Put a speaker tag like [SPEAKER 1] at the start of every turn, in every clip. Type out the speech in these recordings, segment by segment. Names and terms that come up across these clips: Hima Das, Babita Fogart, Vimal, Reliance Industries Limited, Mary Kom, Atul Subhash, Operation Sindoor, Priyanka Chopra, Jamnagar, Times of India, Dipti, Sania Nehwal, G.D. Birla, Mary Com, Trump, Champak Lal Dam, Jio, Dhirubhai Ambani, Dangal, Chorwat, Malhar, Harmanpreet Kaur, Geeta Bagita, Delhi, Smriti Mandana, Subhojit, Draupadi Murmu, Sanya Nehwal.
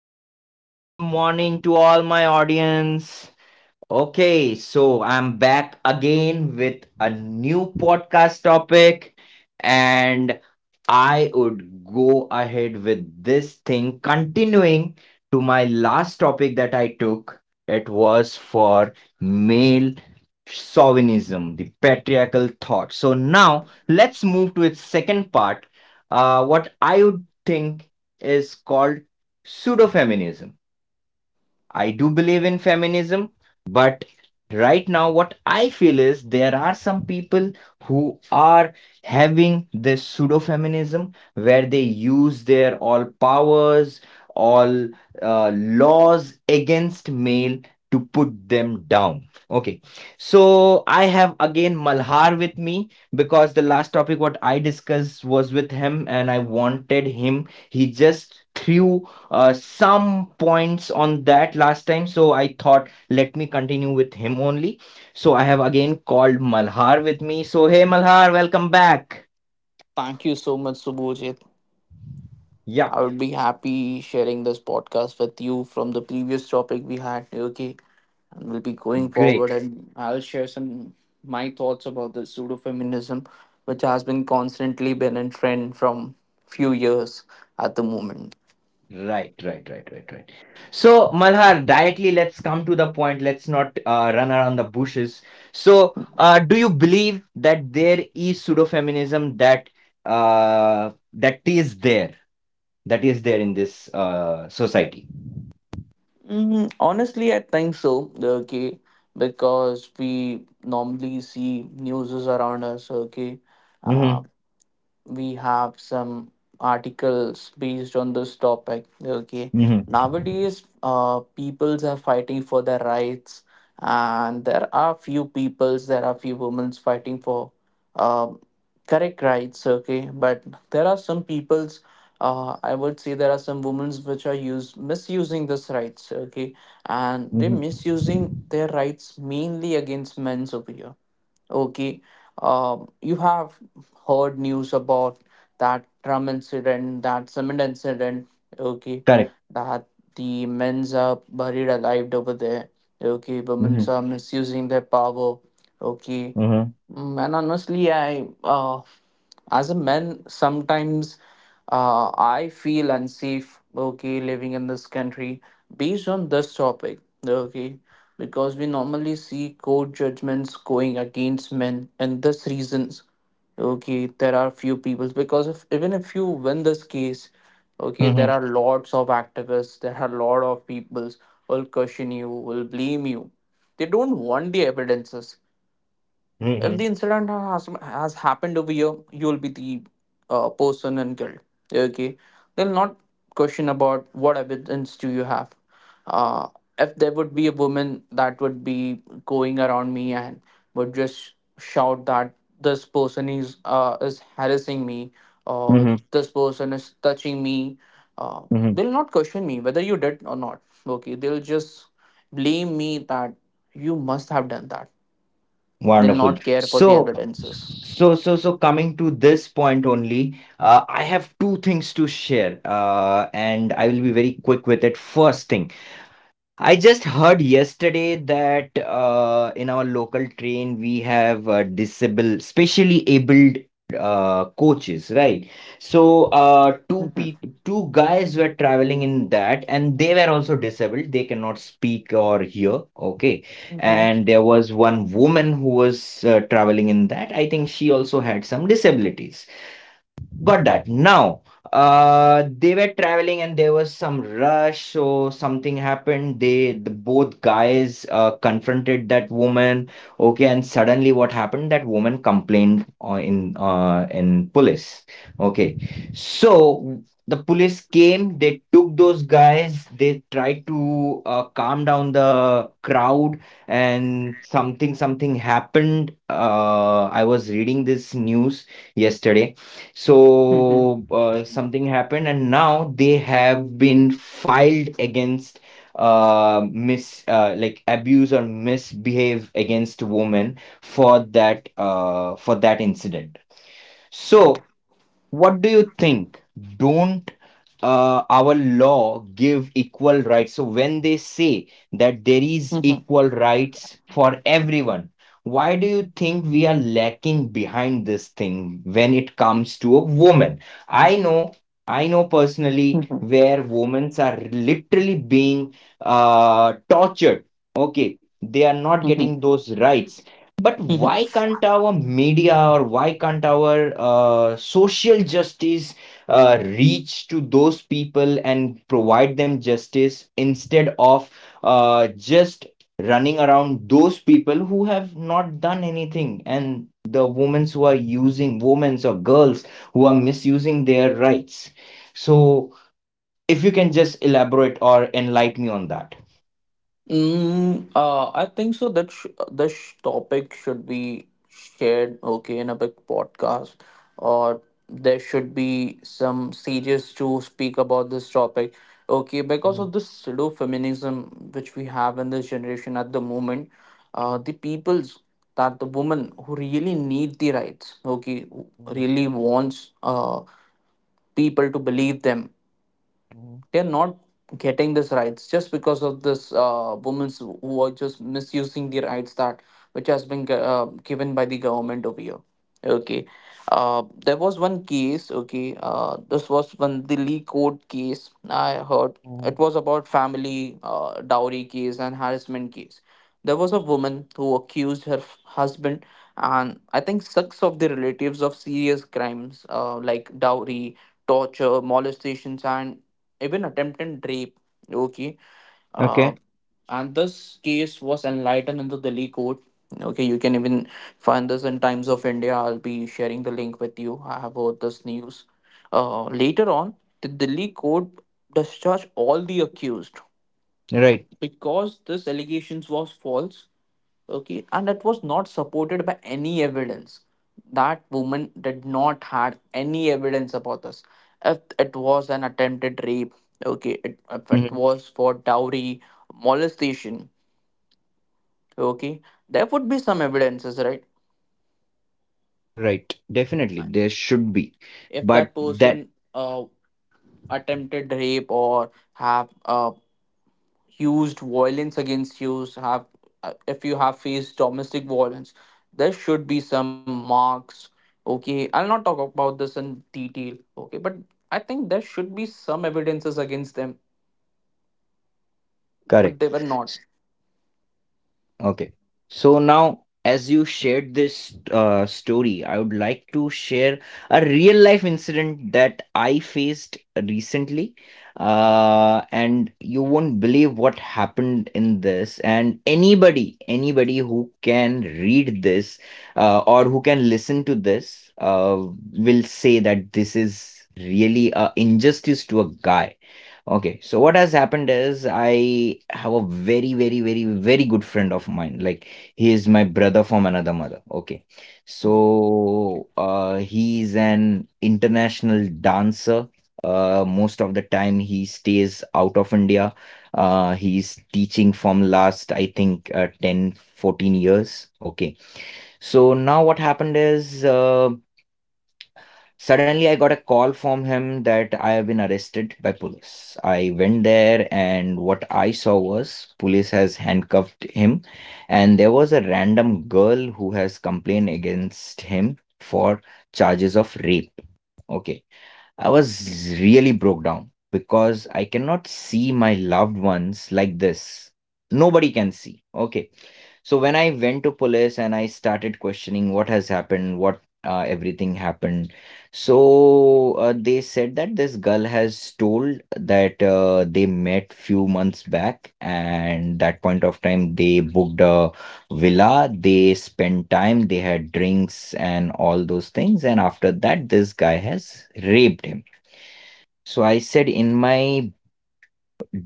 [SPEAKER 1] have wonderful morning to all my audience. Okay, so I'm back again with a new podcast topic, and I would go ahead with this thing, continuing to my last topic that I took. It was for male chauvinism, the patriarchal thought. So now let's move to its second part, what I would think is called pseudo feminism. I do believe in feminism, but right now what I feel is there are some people who are having this pseudo feminism where they use their all powers, all laws against male to put them down. Okay, so I have again Malhar with me because the last topic what I discussed was with him and I wanted him. He just threw some points on that last time. So I thought, let me continue with him only. So I have again called Malhar with me. So, hey, Malhar, welcome back.
[SPEAKER 2] Thank you so much, Subhojit.
[SPEAKER 1] Yeah.
[SPEAKER 2] I would be happy sharing this podcast with you from the previous topic we had, okay? And we'll be going forward
[SPEAKER 1] Great.
[SPEAKER 2] and I'll share some my thoughts about the pseudo-feminism, which has been constantly been in trend from few years at the moment.
[SPEAKER 1] Right, right, right, right, right. So, Malhar, directly let's come to the point. Let's not run around the bushes. So, do you believe that there is pseudo-feminism uh, that is there, that is there in this society?
[SPEAKER 2] Honestly, I think so, okay? Because we normally see news is around us, okay? uh,
[SPEAKER 1] Mm-hmm.
[SPEAKER 2] we have some articles based on this topic, okay.
[SPEAKER 1] Mm-hmm.
[SPEAKER 2] Nowadays peoples are fighting for their rights, and there are few peoples, there are few women fighting for um, correct rights, okay, but there are some peoples, I would say there are some women which are use misusing this rights, okay, and they
[SPEAKER 1] Mhm.
[SPEAKER 2] misusing their rights mainly against men's over here. Okay, you have heard news about that Trump incident, that cement incident. Okay,
[SPEAKER 1] Correct.
[SPEAKER 2] that the men's are buried alive over there. Okay, women's
[SPEAKER 1] Mhm.
[SPEAKER 2] are misusing their power. Okay,
[SPEAKER 1] Mhm.
[SPEAKER 2] And honestly, I as a man sometimes I feel unsafe, okay, living in this country based on this topic, okay, because we normally see court judgments going against men and this reasons, okay. There are few people, because if even if you win this case, okay, there
[SPEAKER 1] Mm-hmm.
[SPEAKER 2] are lots of activists, there are lot of peoples will question you, will blame you. They don't want the evidences. If
[SPEAKER 1] Mm-hmm.
[SPEAKER 2] the incident has happened over here, you will be the person and killed. Okay, they'll not question about what evidence do you have. Uh, if there would be a woman that would be going around me and would just shout that this person is harassing me, or
[SPEAKER 1] Mhm.
[SPEAKER 2] this person is touching me, uh,
[SPEAKER 1] Mhm.
[SPEAKER 2] they'll not question me whether you did or not. Okay, they'll just blame me that you must have done that. They'll
[SPEAKER 1] Wonderful.
[SPEAKER 2] not care for the
[SPEAKER 1] So,
[SPEAKER 2] evidences.
[SPEAKER 1] so, so, so coming to this point only, I have two things to share, and I will be very quick with it. First thing. I just heard yesterday that, in our local train we have, specially abled coaches, right? So
[SPEAKER 2] Mhm,
[SPEAKER 1] two guys were traveling in that, and they were also disabled. They cannot speak or hear. Okay,
[SPEAKER 2] mhm,
[SPEAKER 1] and there was one woman who was, traveling in that. I think she also had some disabilities. Got that. Now, they were traveling and there was some rush, so something happened. The both guys, confronted that woman. Okay, and suddenly what happened? That woman complained, in police. Okay, so the police came. They took those guys. They tried to calm down the crowd, and something happened. I was reading this news yesterday.
[SPEAKER 2] mhm,
[SPEAKER 1] So something happened, and now they have been filed against, mis like abuse or misbehave against women for that incident. So what do you think? Don't, our law give equal rights? So when they say that there is
[SPEAKER 2] mhm,
[SPEAKER 1] equal rights for everyone, why do you think we are lacking behind this thing when it comes to a woman? I know, I know personally
[SPEAKER 2] mhm,
[SPEAKER 1] where women are literally being, tortured. Okay, they are not
[SPEAKER 2] mhm,
[SPEAKER 1] getting those rights. But
[SPEAKER 2] mhm.
[SPEAKER 1] why can't our media, or why can't our social justice reach to those people and provide them justice, instead of just running around those people who have not done anything, and the women who are using women, or girls who are misusing their rights. So if you can just elaborate or enlighten me on that.
[SPEAKER 2] I think so. This topic should be shared, okay, in a big podcast, or there should be some series to speak about this topic, okay, because of this pseudo feminism which we have in this generation at the moment. The people's, that the woman who really need the rights, okay, who really wants people to believe them, they're not getting these rights just because of this women who are just misusing the rights that which has been given by the government over here, okay. There was one case, okay. This was one Delhi court case I heard. It was about family dowry case and harassment case. There was a woman who accused her husband and I think six of the relatives of serious crimes, like dowry, torture, molestations, and even attempted rape. Okay. uh,
[SPEAKER 1] Okay.
[SPEAKER 2] and this case was enlightened in the Delhi court. Okay, you can even find this in Times of India. I'll be sharing the link with you. I have heard this news. Later on, the Delhi court discharged all the accused
[SPEAKER 1] Right.
[SPEAKER 2] because this allegations was false, okay, and it was not supported by any evidence. That woman did not had any evidence about this. If it was an attempted rape, okay, it, if it
[SPEAKER 1] Mhm.
[SPEAKER 2] was for dowry, molestation, okay, there would be some evidences, right?
[SPEAKER 1] Right, definitely there should be.
[SPEAKER 2] If
[SPEAKER 1] But
[SPEAKER 2] that
[SPEAKER 1] that,
[SPEAKER 2] person uh attempted rape or have used violence against you, so have if you have faced domestic violence, there should be some marks, okay. I'll not talk about this in detail, okay, but I think there should be some evidences against them,
[SPEAKER 1] correct.
[SPEAKER 2] but they were not.
[SPEAKER 1] Okay. So now, as you shared this story, I would like to share a real life incident that I faced recently. And you won't believe what happened in this. And anybody, anybody who can read this, or who can listen to this, will say that this is really a injustice to a guy. Okay, so what has happened is I have a very, very, very, very good friend of mine. Like he is my brother from another mother. Okay,
[SPEAKER 2] Mm-hmm.
[SPEAKER 1] so he's an international dancer. Most of the time he stays out of India. He's teaching from last, I think, 10, 14 years. Okay, so now what happened is, suddenly, I got a call from him that I have been arrested by police. I went there, and what I saw was police has handcuffed him, and there was a random girl who has complained against him for charges of rape. Okay, I was really broke down because I cannot see my loved ones like this. Nobody can see. Okay, so when I went to police and I started questioning what has happened, what everything happened. So they said that this girl has told that, they met few months back, and that point of time they booked a villa, they spent time, they had drinks and all those things, and after that this guy has raped him. So I said, in my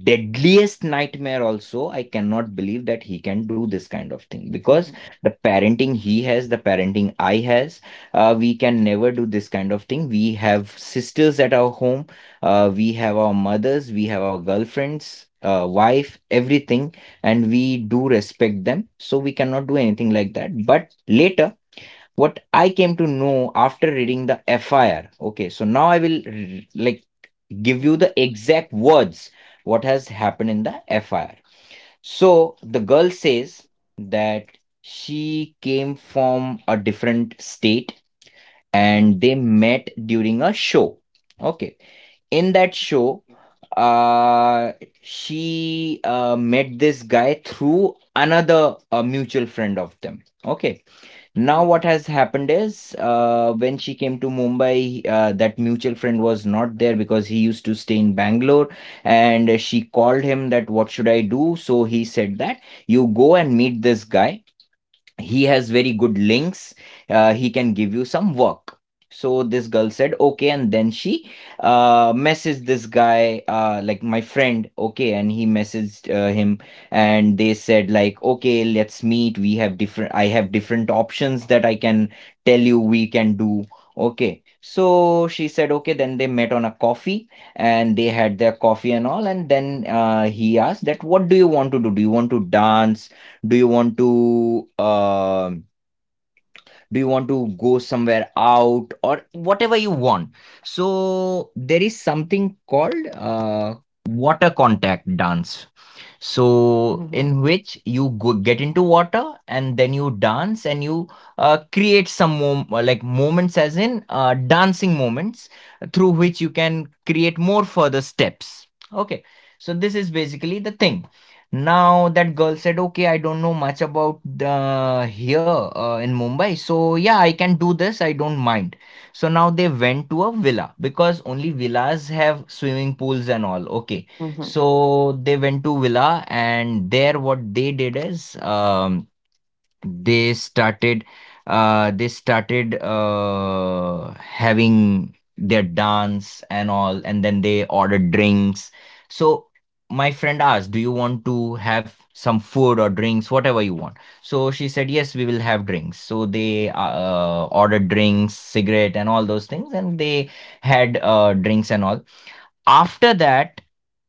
[SPEAKER 1] deadliest nightmare also I cannot believe that he can do this kind of thing, because
[SPEAKER 2] Mm-hmm.
[SPEAKER 1] the parenting he has, the parenting I has, we can never do this kind of thing. We have sisters at our home, we have our mothers, we have our girlfriends, wife, everything, and we do respect them, so we cannot do anything like that. But later what I came to know after reading the fir. Okay, so now I will like give you
[SPEAKER 2] Mm-hmm.
[SPEAKER 1] the exact words what has happened in the FIR. So the girl says that she came from a different state
[SPEAKER 2] Mm-hmm.
[SPEAKER 1] and they met during a show. Okay. In that show, uh, she met this guy through another mutual friend of them. Okay. Now what
[SPEAKER 2] Okay.
[SPEAKER 1] has happened is, when she came to Mumbai, that mutual friend was not there because he used to stay in Bangalore, and she called him that what should I do? So he said that you go and meet this guy, he has very good links, he can give you some work. So this girl said okay, and then she messaged this guy, like my friend, okay, and he messaged him, and they said like, okay, let's meet, we have different I have different options that I can tell you we can do. Okay, so she said okay, then they met on a coffee, and they had their coffee and all, and then he asked that what do you want to do? Do you want to dance? Do you want to do you want to go somewhere out, or whatever you want? So there is something called water contact dance, so,
[SPEAKER 2] Mm-hmm.
[SPEAKER 1] in which you go get into water and then you dance and you create some like moments, as in dancing moments, through which you can create more further steps. Okay, so this is basically the thing. Now that girl said, "Okay, I don't know much about the here, in Mumbai, so yeah, I can do this. I don't mind." So now they went to a villa because only villas have swimming pools and all. Okay,
[SPEAKER 2] Mm-hmm.
[SPEAKER 1] so they went to Villa, and there what they did is, they started they started having their dance and all, and then they ordered drinks. So my friend asked, "Do you want to have some food or drinks, whatever you want?" So she said, "Yes, we will have drinks." So they ordered drinks, cigarette, and all those things, and they had drinks and all. After that,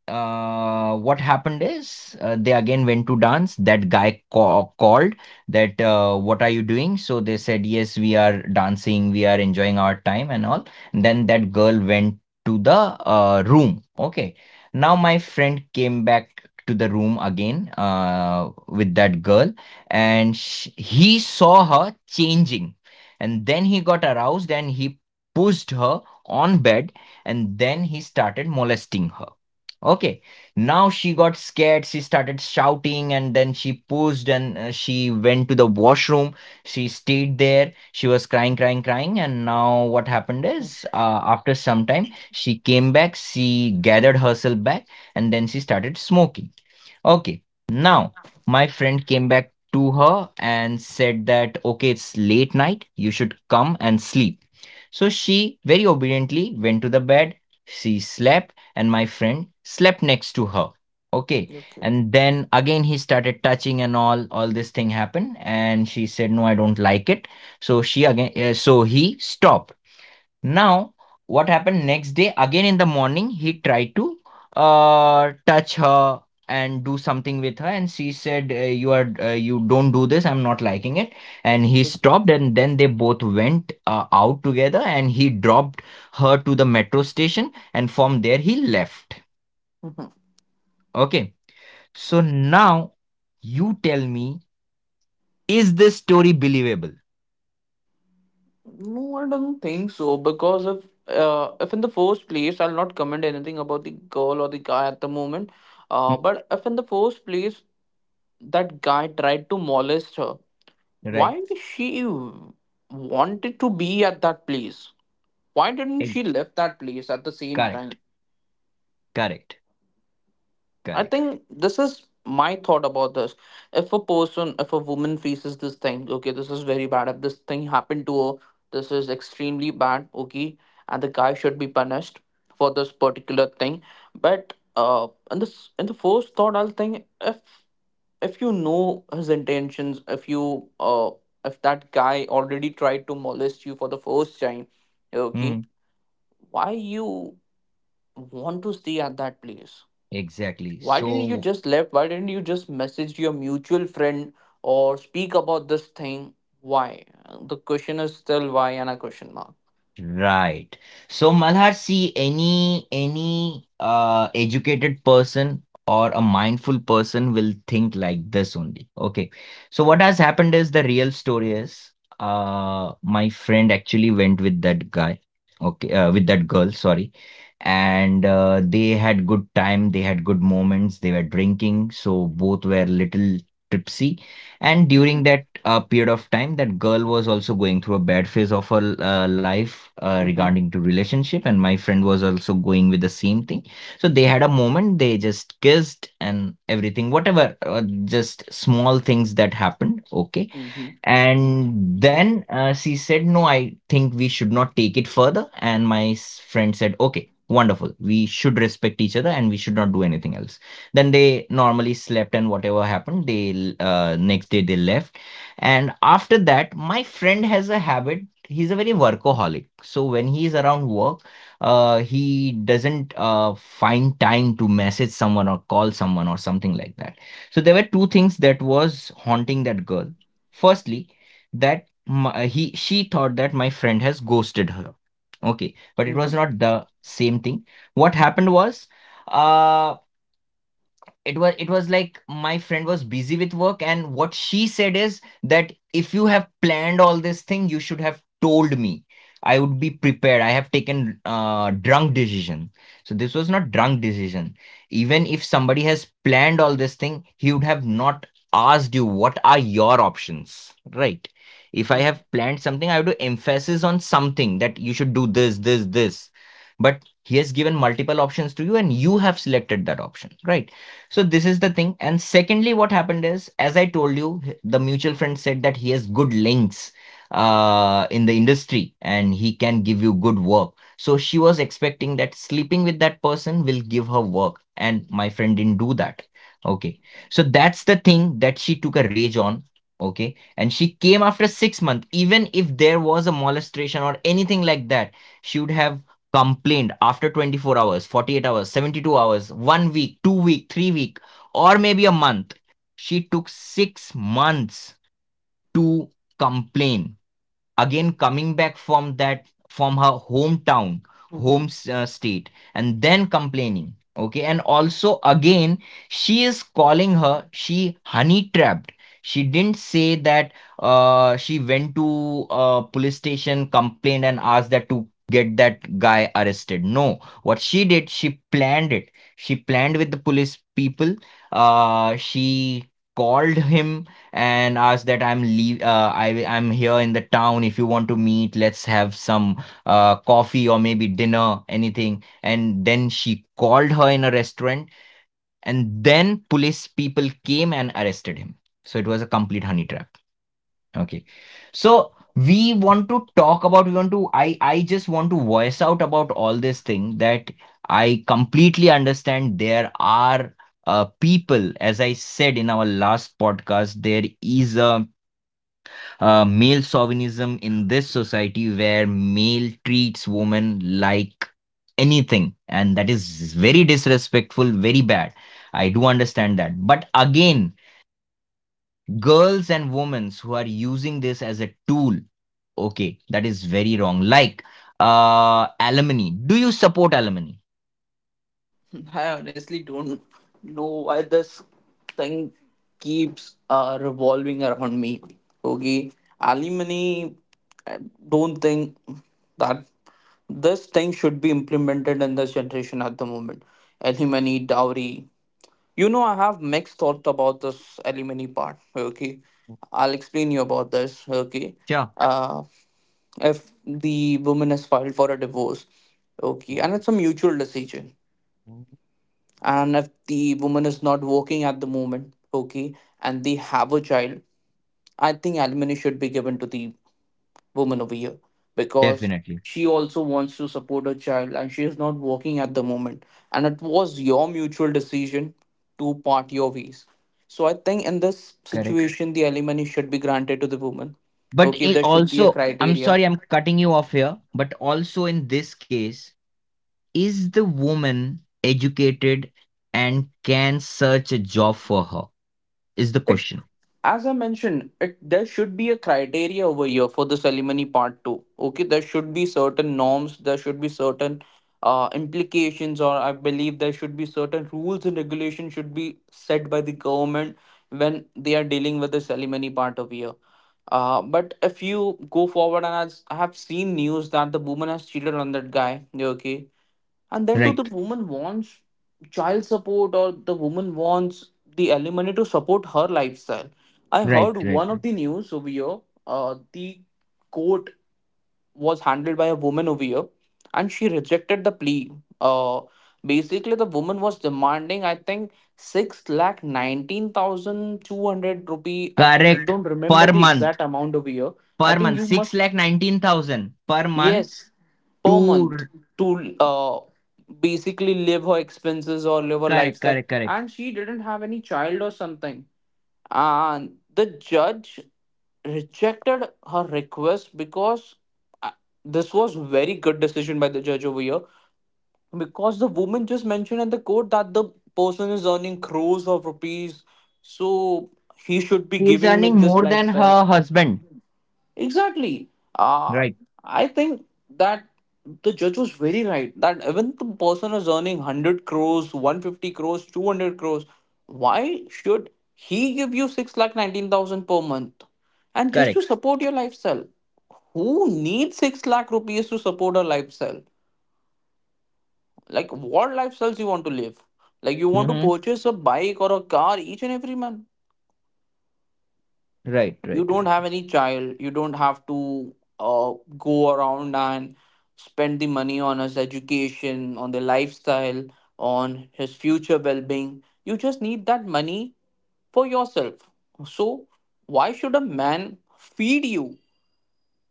[SPEAKER 1] what happened is, they again went to dance. That guy called that, what are you doing? So they said, yes, we are dancing, we are enjoying our time and all. And then that girl went to the room. Okay. Now my friend came back to the room again with that girl, and sh he saw her changing. And then he got aroused, and he pushed her on bed, and then he started molesting her. Okay. Now she got scared. She started shouting and then she pushed, and she went to the washroom. She stayed there. She was crying, crying, crying. And now what happened is, after some time, she came back. She gathered herself back and then she started smoking. Okay. Now my friend came back to her and said that, okay, it's late night. You should come and sleep. So she very obediently went to the bed. She slept, and my friend slept next to her. Okay.
[SPEAKER 2] Okay.
[SPEAKER 1] And then again he started touching, and all this thing happened, and she said no, I don't like it. So she again, so he stopped. Now, what happened next day, again in the morning, he tried to touch her and do something with her, and she said, "You don't do this. I'm not liking it." And he stopped, and then they both went out together, and he dropped her to the metro station, and from there he left.
[SPEAKER 2] Okay.
[SPEAKER 1] Okay, so now you tell me, is this story believable?
[SPEAKER 2] No, I don't think so, because if in the first place, I'll not comment anything about the girl or the guy at the moment.
[SPEAKER 1] Mm.
[SPEAKER 2] But if in the first place that guy tried to molest her, why
[SPEAKER 1] Right?
[SPEAKER 2] did she wanted to be at that place? Why didn't
[SPEAKER 1] Eh.
[SPEAKER 2] she left that place at the same
[SPEAKER 1] Correct.
[SPEAKER 2] time?
[SPEAKER 1] Correct.
[SPEAKER 2] I
[SPEAKER 1] Correct.
[SPEAKER 2] think this is my thought about this. If a person, if a woman faces this thing, okay, this is very bad. If this thing happened to her, this is extremely bad, okay, and the guy should be punished for this particular thing. But in this, in the first thought, I'll think if you know his intentions, if you if that guy already tried to molest you for the first time, okay,
[SPEAKER 1] Mm.
[SPEAKER 2] why you want to stay at that place?
[SPEAKER 1] Exactly.
[SPEAKER 2] Why didn't you
[SPEAKER 1] So.
[SPEAKER 2] just left? Why didn't you just message your mutual friend or speak about this thing? Why? The question is still why and a question mark.
[SPEAKER 1] Right. So, Malhar, see, any educated person or a mindful person will think like this only. Okay. So what has happened is the real story is, my friend actually went with that guy. Okay, with that girl, sorry, and they had good time, they had good moments, they were drinking, so both were little tipsy, and
[SPEAKER 2] Mm-hmm.
[SPEAKER 1] during that period of time, that girl was also going through a bad phase of her life,
[SPEAKER 2] Mm-hmm.
[SPEAKER 1] regarding to relationship, and my friend was also going with the same thing, so they had a moment, they just kissed and everything, whatever, just small things that happened. Okay.
[SPEAKER 2] Mm-hmm.
[SPEAKER 1] And then she said, "No, I think we should not take it further." And my friend said, "Okay, wonderful. We should respect each other and we should not do anything else." Then they normally slept, and whatever happened, next day they left. And after that, my friend has a habit. He's a very workaholic. So when he is around work, he doesn't find time to message someone or call someone or something like that. So there were two things that was haunting that girl. Firstly, that my, he she thought that my friend has ghosted her. Okay, but it
[SPEAKER 2] Mm-hmm.
[SPEAKER 1] was not the same thing. What happened was, uh, it was like my friend was busy with work, and what she said is that if you have planned all this thing, you should have told me, I would be prepared, I have taken drunk decision. So this was not drunk decision. Even if somebody has planned all this thing, he would have not asked you what are your options, right? If I
[SPEAKER 2] Mm-hmm.
[SPEAKER 1] have planned something, I would to emphasis on something, that you should do this, this, this. But he has given multiple options to you, and you have selected that option, right? So this is the thing. And secondly, what happened is, as I told you, the mutual friend said that he has good links in the industry, and he can give you good work. So she was expecting that sleeping with that person will give her work. And my friend didn't do that. Okay. So that's the thing that she took a rage on. Okay. And she came after 6 months. Even if there was a molestation or anything like that, she would have complained after 24 hours, 48 hours, 72 hours, one week, 2 week, 3 week, or maybe a month. She took 6 months to complain, again coming back from that, from her hometown,
[SPEAKER 2] Mm-hmm.
[SPEAKER 1] home, state, and then complaining. Okay, and also again, she is calling her, she honey trapped. She didn't say that. She went to a police station, complained and asked that to get that guy arrested? No. What she did, she planned it, she planned with the police people. She called him and asked that, I'm leave I I'm here in the town, if you want to meet, let's have some coffee or maybe dinner, anything." And then she called her in a restaurant, and then police people came and arrested him. So it was a complete honey trap. Okay. So we want to talk about we want to I just want to voice out about all this thing, that I completely understand there are people, as I said in our last podcast, there is a male chauvinism in this society where male treats women like anything, and that is very disrespectful, very bad. I do understand that, but again, girls and women who are using this as a tool, okay, that is very wrong. Like, alimony, do you support alimony?
[SPEAKER 2] I honestly don't know why this thing keeps revolving around me. Okay. Alimony don't think that this thing should be implemented in this generation at the moment. Alimony, dowry, you know, I have mixed thought about this alimony part. Okay, I'll explain you about this. Okay,
[SPEAKER 1] Sure.
[SPEAKER 2] uh, if the woman has filed for a divorce, okay, and it's a mutual decision, and if the woman is not working at the moment, okay, and they have a child, I think alimony should be given to the woman over here, because
[SPEAKER 1] Definitely.
[SPEAKER 2] she also wants to support her child and she is not working at the moment. And it was your mutual decision to part your ways. So I think in this
[SPEAKER 1] Correct.
[SPEAKER 2] situation, the alimony should be granted to the woman.
[SPEAKER 1] But
[SPEAKER 2] Okay,
[SPEAKER 1] it
[SPEAKER 2] there should be a
[SPEAKER 1] also, I'm
[SPEAKER 2] criteria.
[SPEAKER 1] sorry, I'm cutting you off here, but also in this case, is the woman educated and can search a job for her? Is the question.
[SPEAKER 2] As I mentioned, it, there should be a criteria over here for the alimony part too. Okay, there should be certain norms, there should be certain implications, or I believe there should be certain rules and regulations should be set by the government when they are dealing with the alimony part over here. But if you go forward, and as I have seen news that the woman has cheated on that guy, okay, and then too the
[SPEAKER 1] Right.
[SPEAKER 2] woman wants child support, or the woman wants the alimony to support her lifestyle. I
[SPEAKER 1] Right.
[SPEAKER 2] heard
[SPEAKER 1] Right,
[SPEAKER 2] one
[SPEAKER 1] right.
[SPEAKER 2] of the news over here. The court was handled by a woman over here, and she rejected the plea. uh, Basically, the woman was demanding, I think, 6 lakh 19,200 rupee. I
[SPEAKER 1] Correct.
[SPEAKER 2] don't remember
[SPEAKER 1] Per
[SPEAKER 2] the
[SPEAKER 1] month.
[SPEAKER 2] exact amount over here.
[SPEAKER 1] Per
[SPEAKER 2] I think
[SPEAKER 1] month.
[SPEAKER 2] you
[SPEAKER 1] Six
[SPEAKER 2] must,
[SPEAKER 1] lakh 19,000 per month
[SPEAKER 2] yes,
[SPEAKER 1] to
[SPEAKER 2] per month,
[SPEAKER 1] r-
[SPEAKER 2] to basically live her expenses or live her
[SPEAKER 1] correct,
[SPEAKER 2] lifestyle.
[SPEAKER 1] correct, correct.
[SPEAKER 2] And she didn't have any child or something. And the judge rejected her request because uh, this was very good decision by the judge over here, because the woman just mentioned in the court that the person is earning crores of rupees, so he should be
[SPEAKER 1] He is
[SPEAKER 2] giving me
[SPEAKER 1] earning
[SPEAKER 2] this
[SPEAKER 1] more than
[SPEAKER 2] lifestyle.
[SPEAKER 1] her husband.
[SPEAKER 2] Exactly. Uh,
[SPEAKER 1] Right.
[SPEAKER 2] I think that the judge was very right that even the person is earning 100 crores, 150 crores, 200 crores, why should he give you 6 lakh 19,000 per month? And just
[SPEAKER 1] Correct.
[SPEAKER 2] to support your lifestyle, who needs 6 lakh rupees to support a lifestyle? Like, what lifestyles you want to live? Like, you want to
[SPEAKER 1] Mm-hmm.
[SPEAKER 2] purchase a bike or a car each and every month?
[SPEAKER 1] Right,
[SPEAKER 2] You
[SPEAKER 1] right,
[SPEAKER 2] don't
[SPEAKER 1] right,
[SPEAKER 2] have
[SPEAKER 1] right.
[SPEAKER 2] any child, you don't have to uh, go around and spend the money on his education, on the lifestyle, on his future well-being. You just need that money for yourself. So why should a man feed you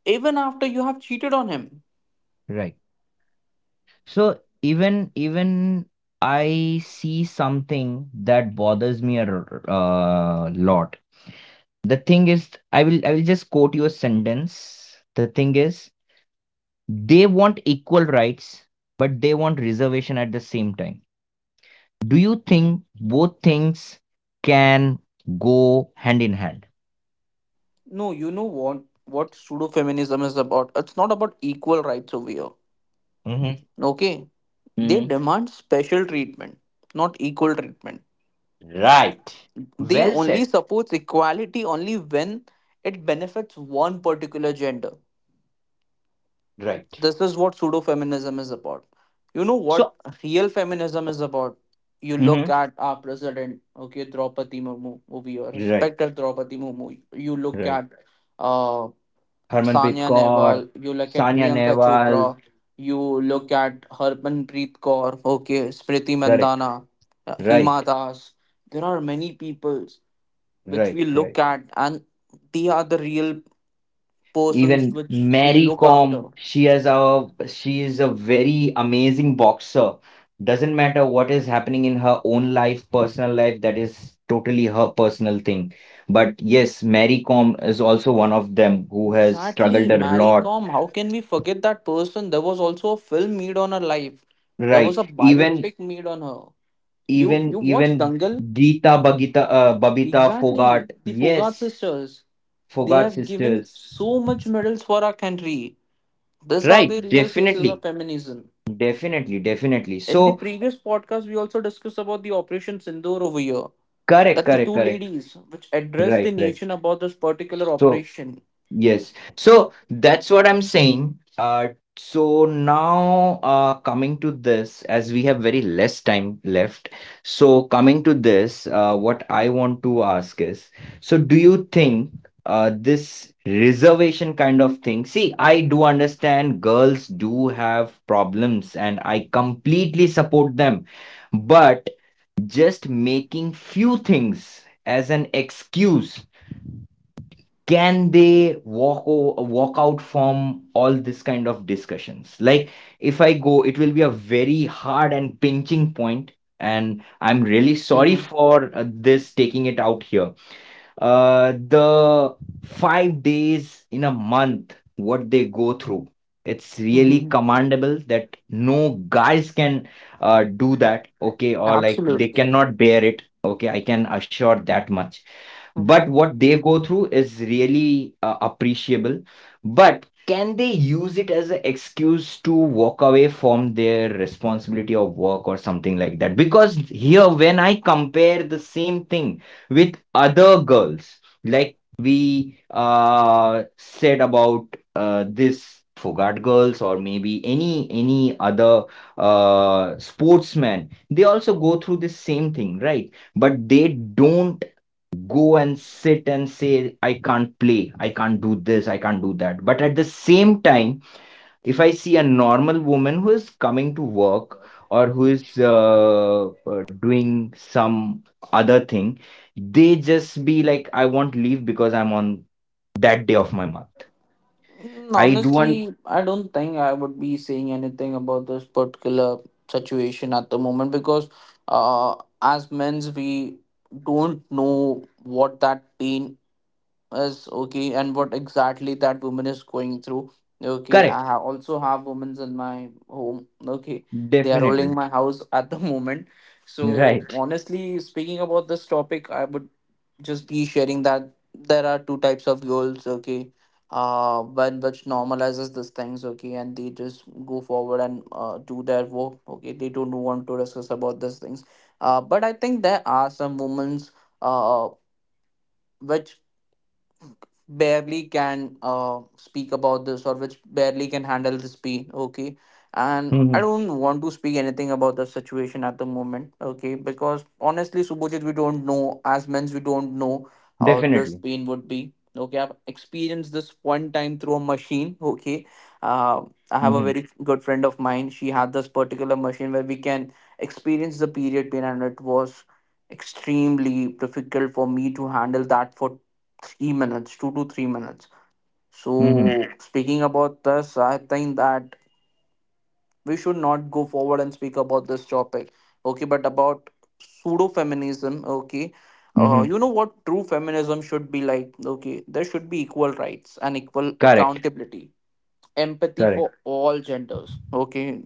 [SPEAKER 2] even after you have cheated on him?
[SPEAKER 1] Right. So even I see something that bothers me a lot. The thing is, I will just quote you a sentence. The thing is, they want equal rights, but they want reservation at the same time. Do you think both things can go hand in hand?
[SPEAKER 2] No, you know what pseudo feminism is about? It's not about equal rights over here,
[SPEAKER 1] Mhm.
[SPEAKER 2] okay. They
[SPEAKER 1] Mhm.
[SPEAKER 2] demand special treatment, not equal treatment.
[SPEAKER 1] Right.
[SPEAKER 2] They
[SPEAKER 1] Well
[SPEAKER 2] only
[SPEAKER 1] said.
[SPEAKER 2] supports equality only when it benefits one particular gender.
[SPEAKER 1] Right.
[SPEAKER 2] This is what pseudo feminism is about. You know what
[SPEAKER 1] So.
[SPEAKER 2] real feminism is about? You look
[SPEAKER 1] Mhm.
[SPEAKER 2] at our president, okay, Draupadi Murmu, movie or
[SPEAKER 1] Right.
[SPEAKER 2] respect Draupadi Murmu. You look
[SPEAKER 1] Right.
[SPEAKER 2] at uh,
[SPEAKER 1] Harmanpreet
[SPEAKER 2] Sania
[SPEAKER 1] Kaur,
[SPEAKER 2] Nehwal, you look at
[SPEAKER 1] Sanya
[SPEAKER 2] Priyanka
[SPEAKER 1] Nehwal.
[SPEAKER 2] Chopra, you look at Harmanpreet Kaur, okay, Smriti
[SPEAKER 1] Correct.
[SPEAKER 2] Mandana,
[SPEAKER 1] Right.
[SPEAKER 2] Hima Das. There are many people which
[SPEAKER 1] Right.
[SPEAKER 2] we
[SPEAKER 1] Right.
[SPEAKER 2] look at, and they are the real persons
[SPEAKER 1] Even
[SPEAKER 2] which we
[SPEAKER 1] Mary
[SPEAKER 2] look after.
[SPEAKER 1] Kom, she is a very amazing boxer. Doesn't matter what is happening in her own life, personal life, that is totally her personal thing. But yes, Mary Kom is also one of them who has
[SPEAKER 2] Exactly,
[SPEAKER 1] struggled a
[SPEAKER 2] Mary
[SPEAKER 1] lot.
[SPEAKER 2] Com. How can we forget that person? There was also a film made on her life. There
[SPEAKER 1] Right.
[SPEAKER 2] was a
[SPEAKER 1] Even
[SPEAKER 2] biopic made on her. You
[SPEAKER 1] even
[SPEAKER 2] you watch
[SPEAKER 1] even
[SPEAKER 2] Dangal?
[SPEAKER 1] Geeta Bagita, Babita
[SPEAKER 2] Exactly.
[SPEAKER 1] Fogart.
[SPEAKER 2] The Fogart
[SPEAKER 1] Yes,
[SPEAKER 2] sisters. They
[SPEAKER 1] Fogart
[SPEAKER 2] have given
[SPEAKER 1] sisters.
[SPEAKER 2] so much medals for our country. These are
[SPEAKER 1] Right,
[SPEAKER 2] the real faces
[SPEAKER 1] definitely.
[SPEAKER 2] of feminism.
[SPEAKER 1] Definitely, definitely.
[SPEAKER 2] In the
[SPEAKER 1] So,
[SPEAKER 2] previous podcast, we also discussed about the Operation Sindoor over here.
[SPEAKER 1] correct,
[SPEAKER 2] That the
[SPEAKER 1] correct,
[SPEAKER 2] two
[SPEAKER 1] correct.
[SPEAKER 2] ladies which addressed the
[SPEAKER 1] Right, right.
[SPEAKER 2] nation about this particular
[SPEAKER 1] So.
[SPEAKER 2] operation.
[SPEAKER 1] Yes. So that's what I'm saying. So now, coming to this, as we have very less time left, so coming to this, what I want to ask is, so do you think this reservation kind of thing? See, I do understand girls do have problems, and I completely support them, but just making few things as an excuse, can they walk out from all this kind of discussions? Like, if I go, it will be a very hard and pinching point, and I'm really sorry
[SPEAKER 2] Hmm.
[SPEAKER 1] for this taking it out here. The 5 days in a month what they go through, it's really
[SPEAKER 2] Hmm.
[SPEAKER 1] commendable that no guys can do that. Okay, or like they
[SPEAKER 2] Absolutely.
[SPEAKER 1] cannot bear it, okay? I can assure that much. But
[SPEAKER 2] Hmm.
[SPEAKER 1] what they go through is really appreciable. But can they use it as an excuse to walk away from their responsibility of work or something like that? Because here when I compare the same thing with other girls, like we said about, this Fogart girls or maybe any other sportsman, they also go through the same thing, right? But they don't go and sit and say, "I can't play, I can't do this, I can't do that." But at the same time, if I see a normal woman who is coming to work or who is doing some other thing, they just be like, "I want leave because I'm on that day of my month." I do want.
[SPEAKER 2] Honestly, I don't think I would be saying anything about this particular situation at the moment, because uh, as men's, we don't know what that pain is, okay, and what exactly that woman is going through. Okay, I
[SPEAKER 1] Correct.
[SPEAKER 2] also have women's in my home. Okay, they are ruling
[SPEAKER 1] Definitely.
[SPEAKER 2] my house at the moment. So,
[SPEAKER 1] Right.
[SPEAKER 2] honestly, speaking about this topic, I would just be sharing that there are two types of girls, okay. One which normalizes these things, okay, and they just go forward and do their work, okay. They don't want to discuss about these things. But I think there are some moments uh which barely can speak about this, or which barely can handle this pain, okay. And I
[SPEAKER 1] Hmm.
[SPEAKER 2] don't want to speak anything about the situation at the moment, okay, because honestly, Subojit, we don't know, as men we don't know how this
[SPEAKER 1] Definitely.
[SPEAKER 2] pain would be. Okay, I've experienced this one time through a machine, okay. uh, I have a
[SPEAKER 1] Hmm.
[SPEAKER 2] very good friend of mine, she had this particular machine where we can experience the period pain, and it was extremely difficult for me to handle that for 3 minutes, 2 to 3 minutes. So,
[SPEAKER 1] Hmm.
[SPEAKER 2] mhm, speaking about this, I think that we should not go forward and speak about this topic. Okay, but about pseudo feminism, okay.
[SPEAKER 1] Hmm.
[SPEAKER 2] You know what true feminism should be like? Okay, there should be equal rights and equal
[SPEAKER 1] Correct.
[SPEAKER 2] accountability, empathy
[SPEAKER 1] Correct.
[SPEAKER 2] for all genders. Okay,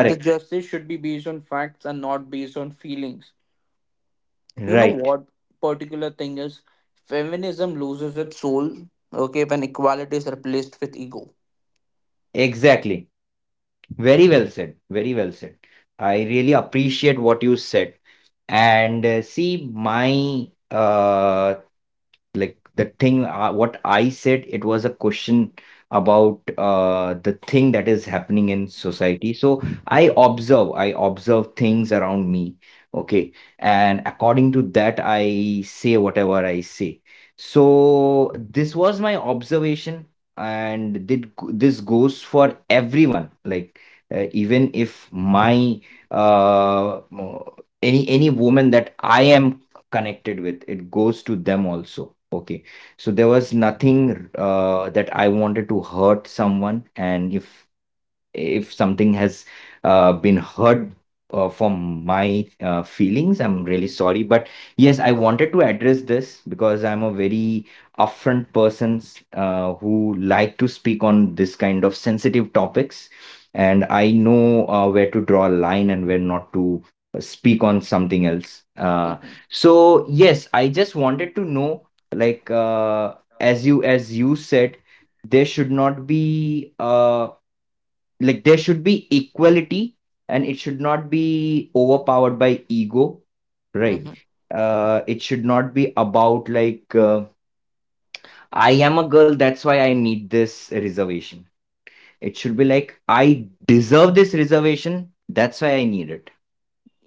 [SPEAKER 2] the justice should be based on facts and not based on feelings. You know
[SPEAKER 1] Right.
[SPEAKER 2] what particular thing is? Feminism loses its soul, okay, when equality is replaced with ego.
[SPEAKER 1] Exactly. Very well said. Very well said. I really appreciate what you said. And see, my like, the thing what I said, it was a question about the thing that is happening in society. So I observe things around me. Okay. And according to that I say whatever I say. So this was my observation. And did this goes for everyone? Like even if my, uh, any woman that I am connected with, it goes to them also. Okay. So there was nothing that I wanted to hurt someone, and if something has been hurt from my feelings, I'm really sorry. But yes, I wanted to address this because I'm a very upfront person who like to speak on this kind of sensitive topics, and I know where to draw a line and where not to speak on something else.
[SPEAKER 2] Mhm.
[SPEAKER 1] So yes, I just wanted to know, like, as you said, there should not be like there should be equality, and it should not be overpowered by ego, right?
[SPEAKER 2] Mhm.
[SPEAKER 1] It should not be about, like, I am a girl, that's why I need this reservation. It should be like, I deserve this reservation, that's why I need it.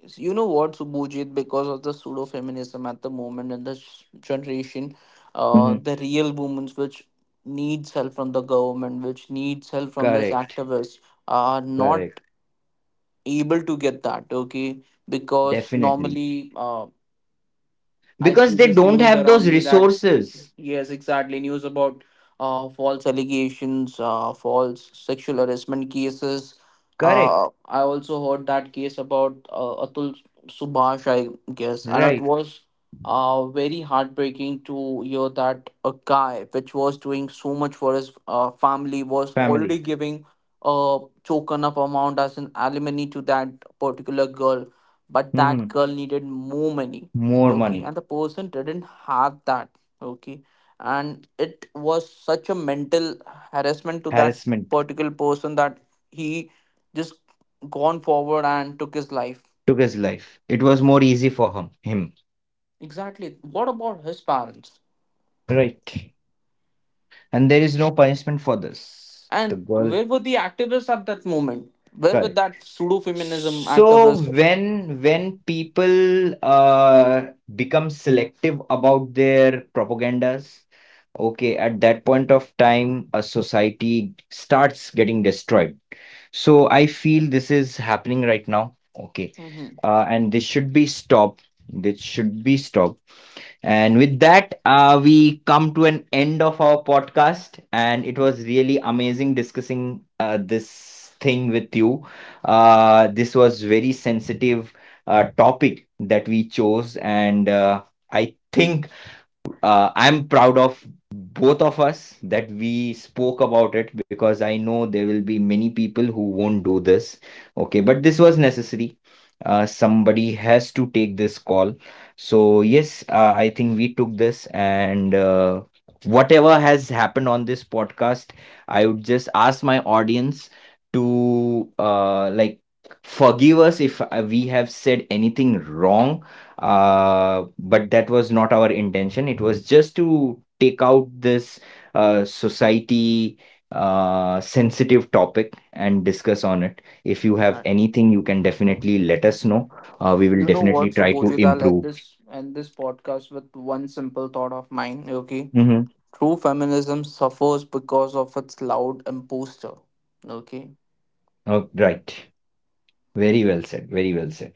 [SPEAKER 2] Yes. You know what, Subhujit, because of the pseudo feminism at the moment and this generation,
[SPEAKER 1] Mhm.
[SPEAKER 2] the real women which needs help from the government, which needs help from this
[SPEAKER 1] Correct.
[SPEAKER 2] activists, are not
[SPEAKER 1] Correct.
[SPEAKER 2] able to get that, okay? Because
[SPEAKER 1] Definitely.
[SPEAKER 2] normally, uh, I
[SPEAKER 1] Because
[SPEAKER 2] see
[SPEAKER 1] they
[SPEAKER 2] this
[SPEAKER 1] don't
[SPEAKER 2] news
[SPEAKER 1] have
[SPEAKER 2] around
[SPEAKER 1] those
[SPEAKER 2] me that
[SPEAKER 1] resources.
[SPEAKER 2] yes, exactly, news about false allegations, false sexual harassment cases.
[SPEAKER 1] Correct.
[SPEAKER 2] I also heard that case about Atul Subhash, I guess, and it
[SPEAKER 1] Right.
[SPEAKER 2] was very heartbreaking to hear that a guy which was doing so much for his family was already
[SPEAKER 1] Family.
[SPEAKER 2] giving a token up amount as an alimony to that particular girl, but that
[SPEAKER 1] Hmm.
[SPEAKER 2] girl needed more money,
[SPEAKER 1] More
[SPEAKER 2] okay,
[SPEAKER 1] money.
[SPEAKER 2] and the person didn't have that, okay. And it was such a mental harassment to that
[SPEAKER 1] Harassment.
[SPEAKER 2] particular person that he just gone forward and took his life.
[SPEAKER 1] Took his life. It was more easy for him.
[SPEAKER 2] Exactly, what about his parents?
[SPEAKER 1] Right. And there is no punishment for this. The
[SPEAKER 2] And
[SPEAKER 1] girl,
[SPEAKER 2] where were the activists at that moment? Where were
[SPEAKER 1] correct.
[SPEAKER 2] that pseudo feminism
[SPEAKER 1] So
[SPEAKER 2] activist?
[SPEAKER 1] when people become selective about their propagandas, okay, at that point of time, a society starts getting destroyed. So I feel this is happening right now. Okay.
[SPEAKER 2] Hmm.
[SPEAKER 1] And this should be stopped. This should be stopped. And with that, we come to an end of our podcast. And it
[SPEAKER 2] Hmm.
[SPEAKER 1] was really amazing discussing this thing with you. This was very sensitive topic that we chose, and I think I'm proud of both of us that we spoke about it, because I know there will be many people who won't do this. Okay, but this was necessary. Somebody has to take this call. So, yes, I think we took this, and whatever has happened on this podcast, I would just ask my audience to, like, forgive us if we have said anything wrong, but that was not our intention. It was just to take out this society sensitive topic and discuss on it. If you have
[SPEAKER 2] Exactly.
[SPEAKER 1] anything, you can definitely let us know. We will
[SPEAKER 2] You know what,
[SPEAKER 1] definitely
[SPEAKER 2] I'm
[SPEAKER 1] try to
[SPEAKER 2] Subodhidal, end
[SPEAKER 1] improve.
[SPEAKER 2] this and this podcast with one simple thought of mine, okay.
[SPEAKER 1] Mm-hmm.
[SPEAKER 2] True feminism suffers because of its loud imposture. Okay,
[SPEAKER 1] Oh, right. Very well said. Very well said.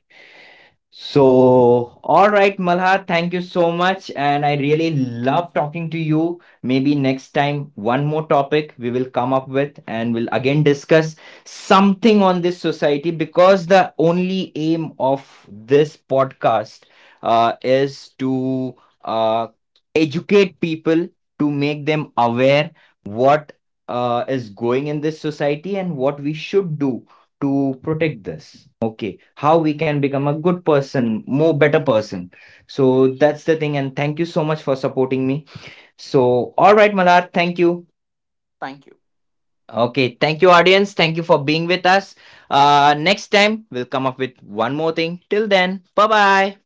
[SPEAKER 1] So, all right, Malha, thank you so much. And I really love talking to you. Maybe next time, one more topic we will come up with and we'll again discuss something on this society, because the only aim of this podcast is to uh, educate people, to make them aware what is going in this society and what we should do to protect this. Okay, how we can become a good person, more better person. So that's the thing, and thank you so much for supporting me. So all right, Malar, thank you.
[SPEAKER 2] thank you.
[SPEAKER 1] Okay, thank you, audience, thank you for being with us. Next time we'll come up with one more thing. Till then, bye bye.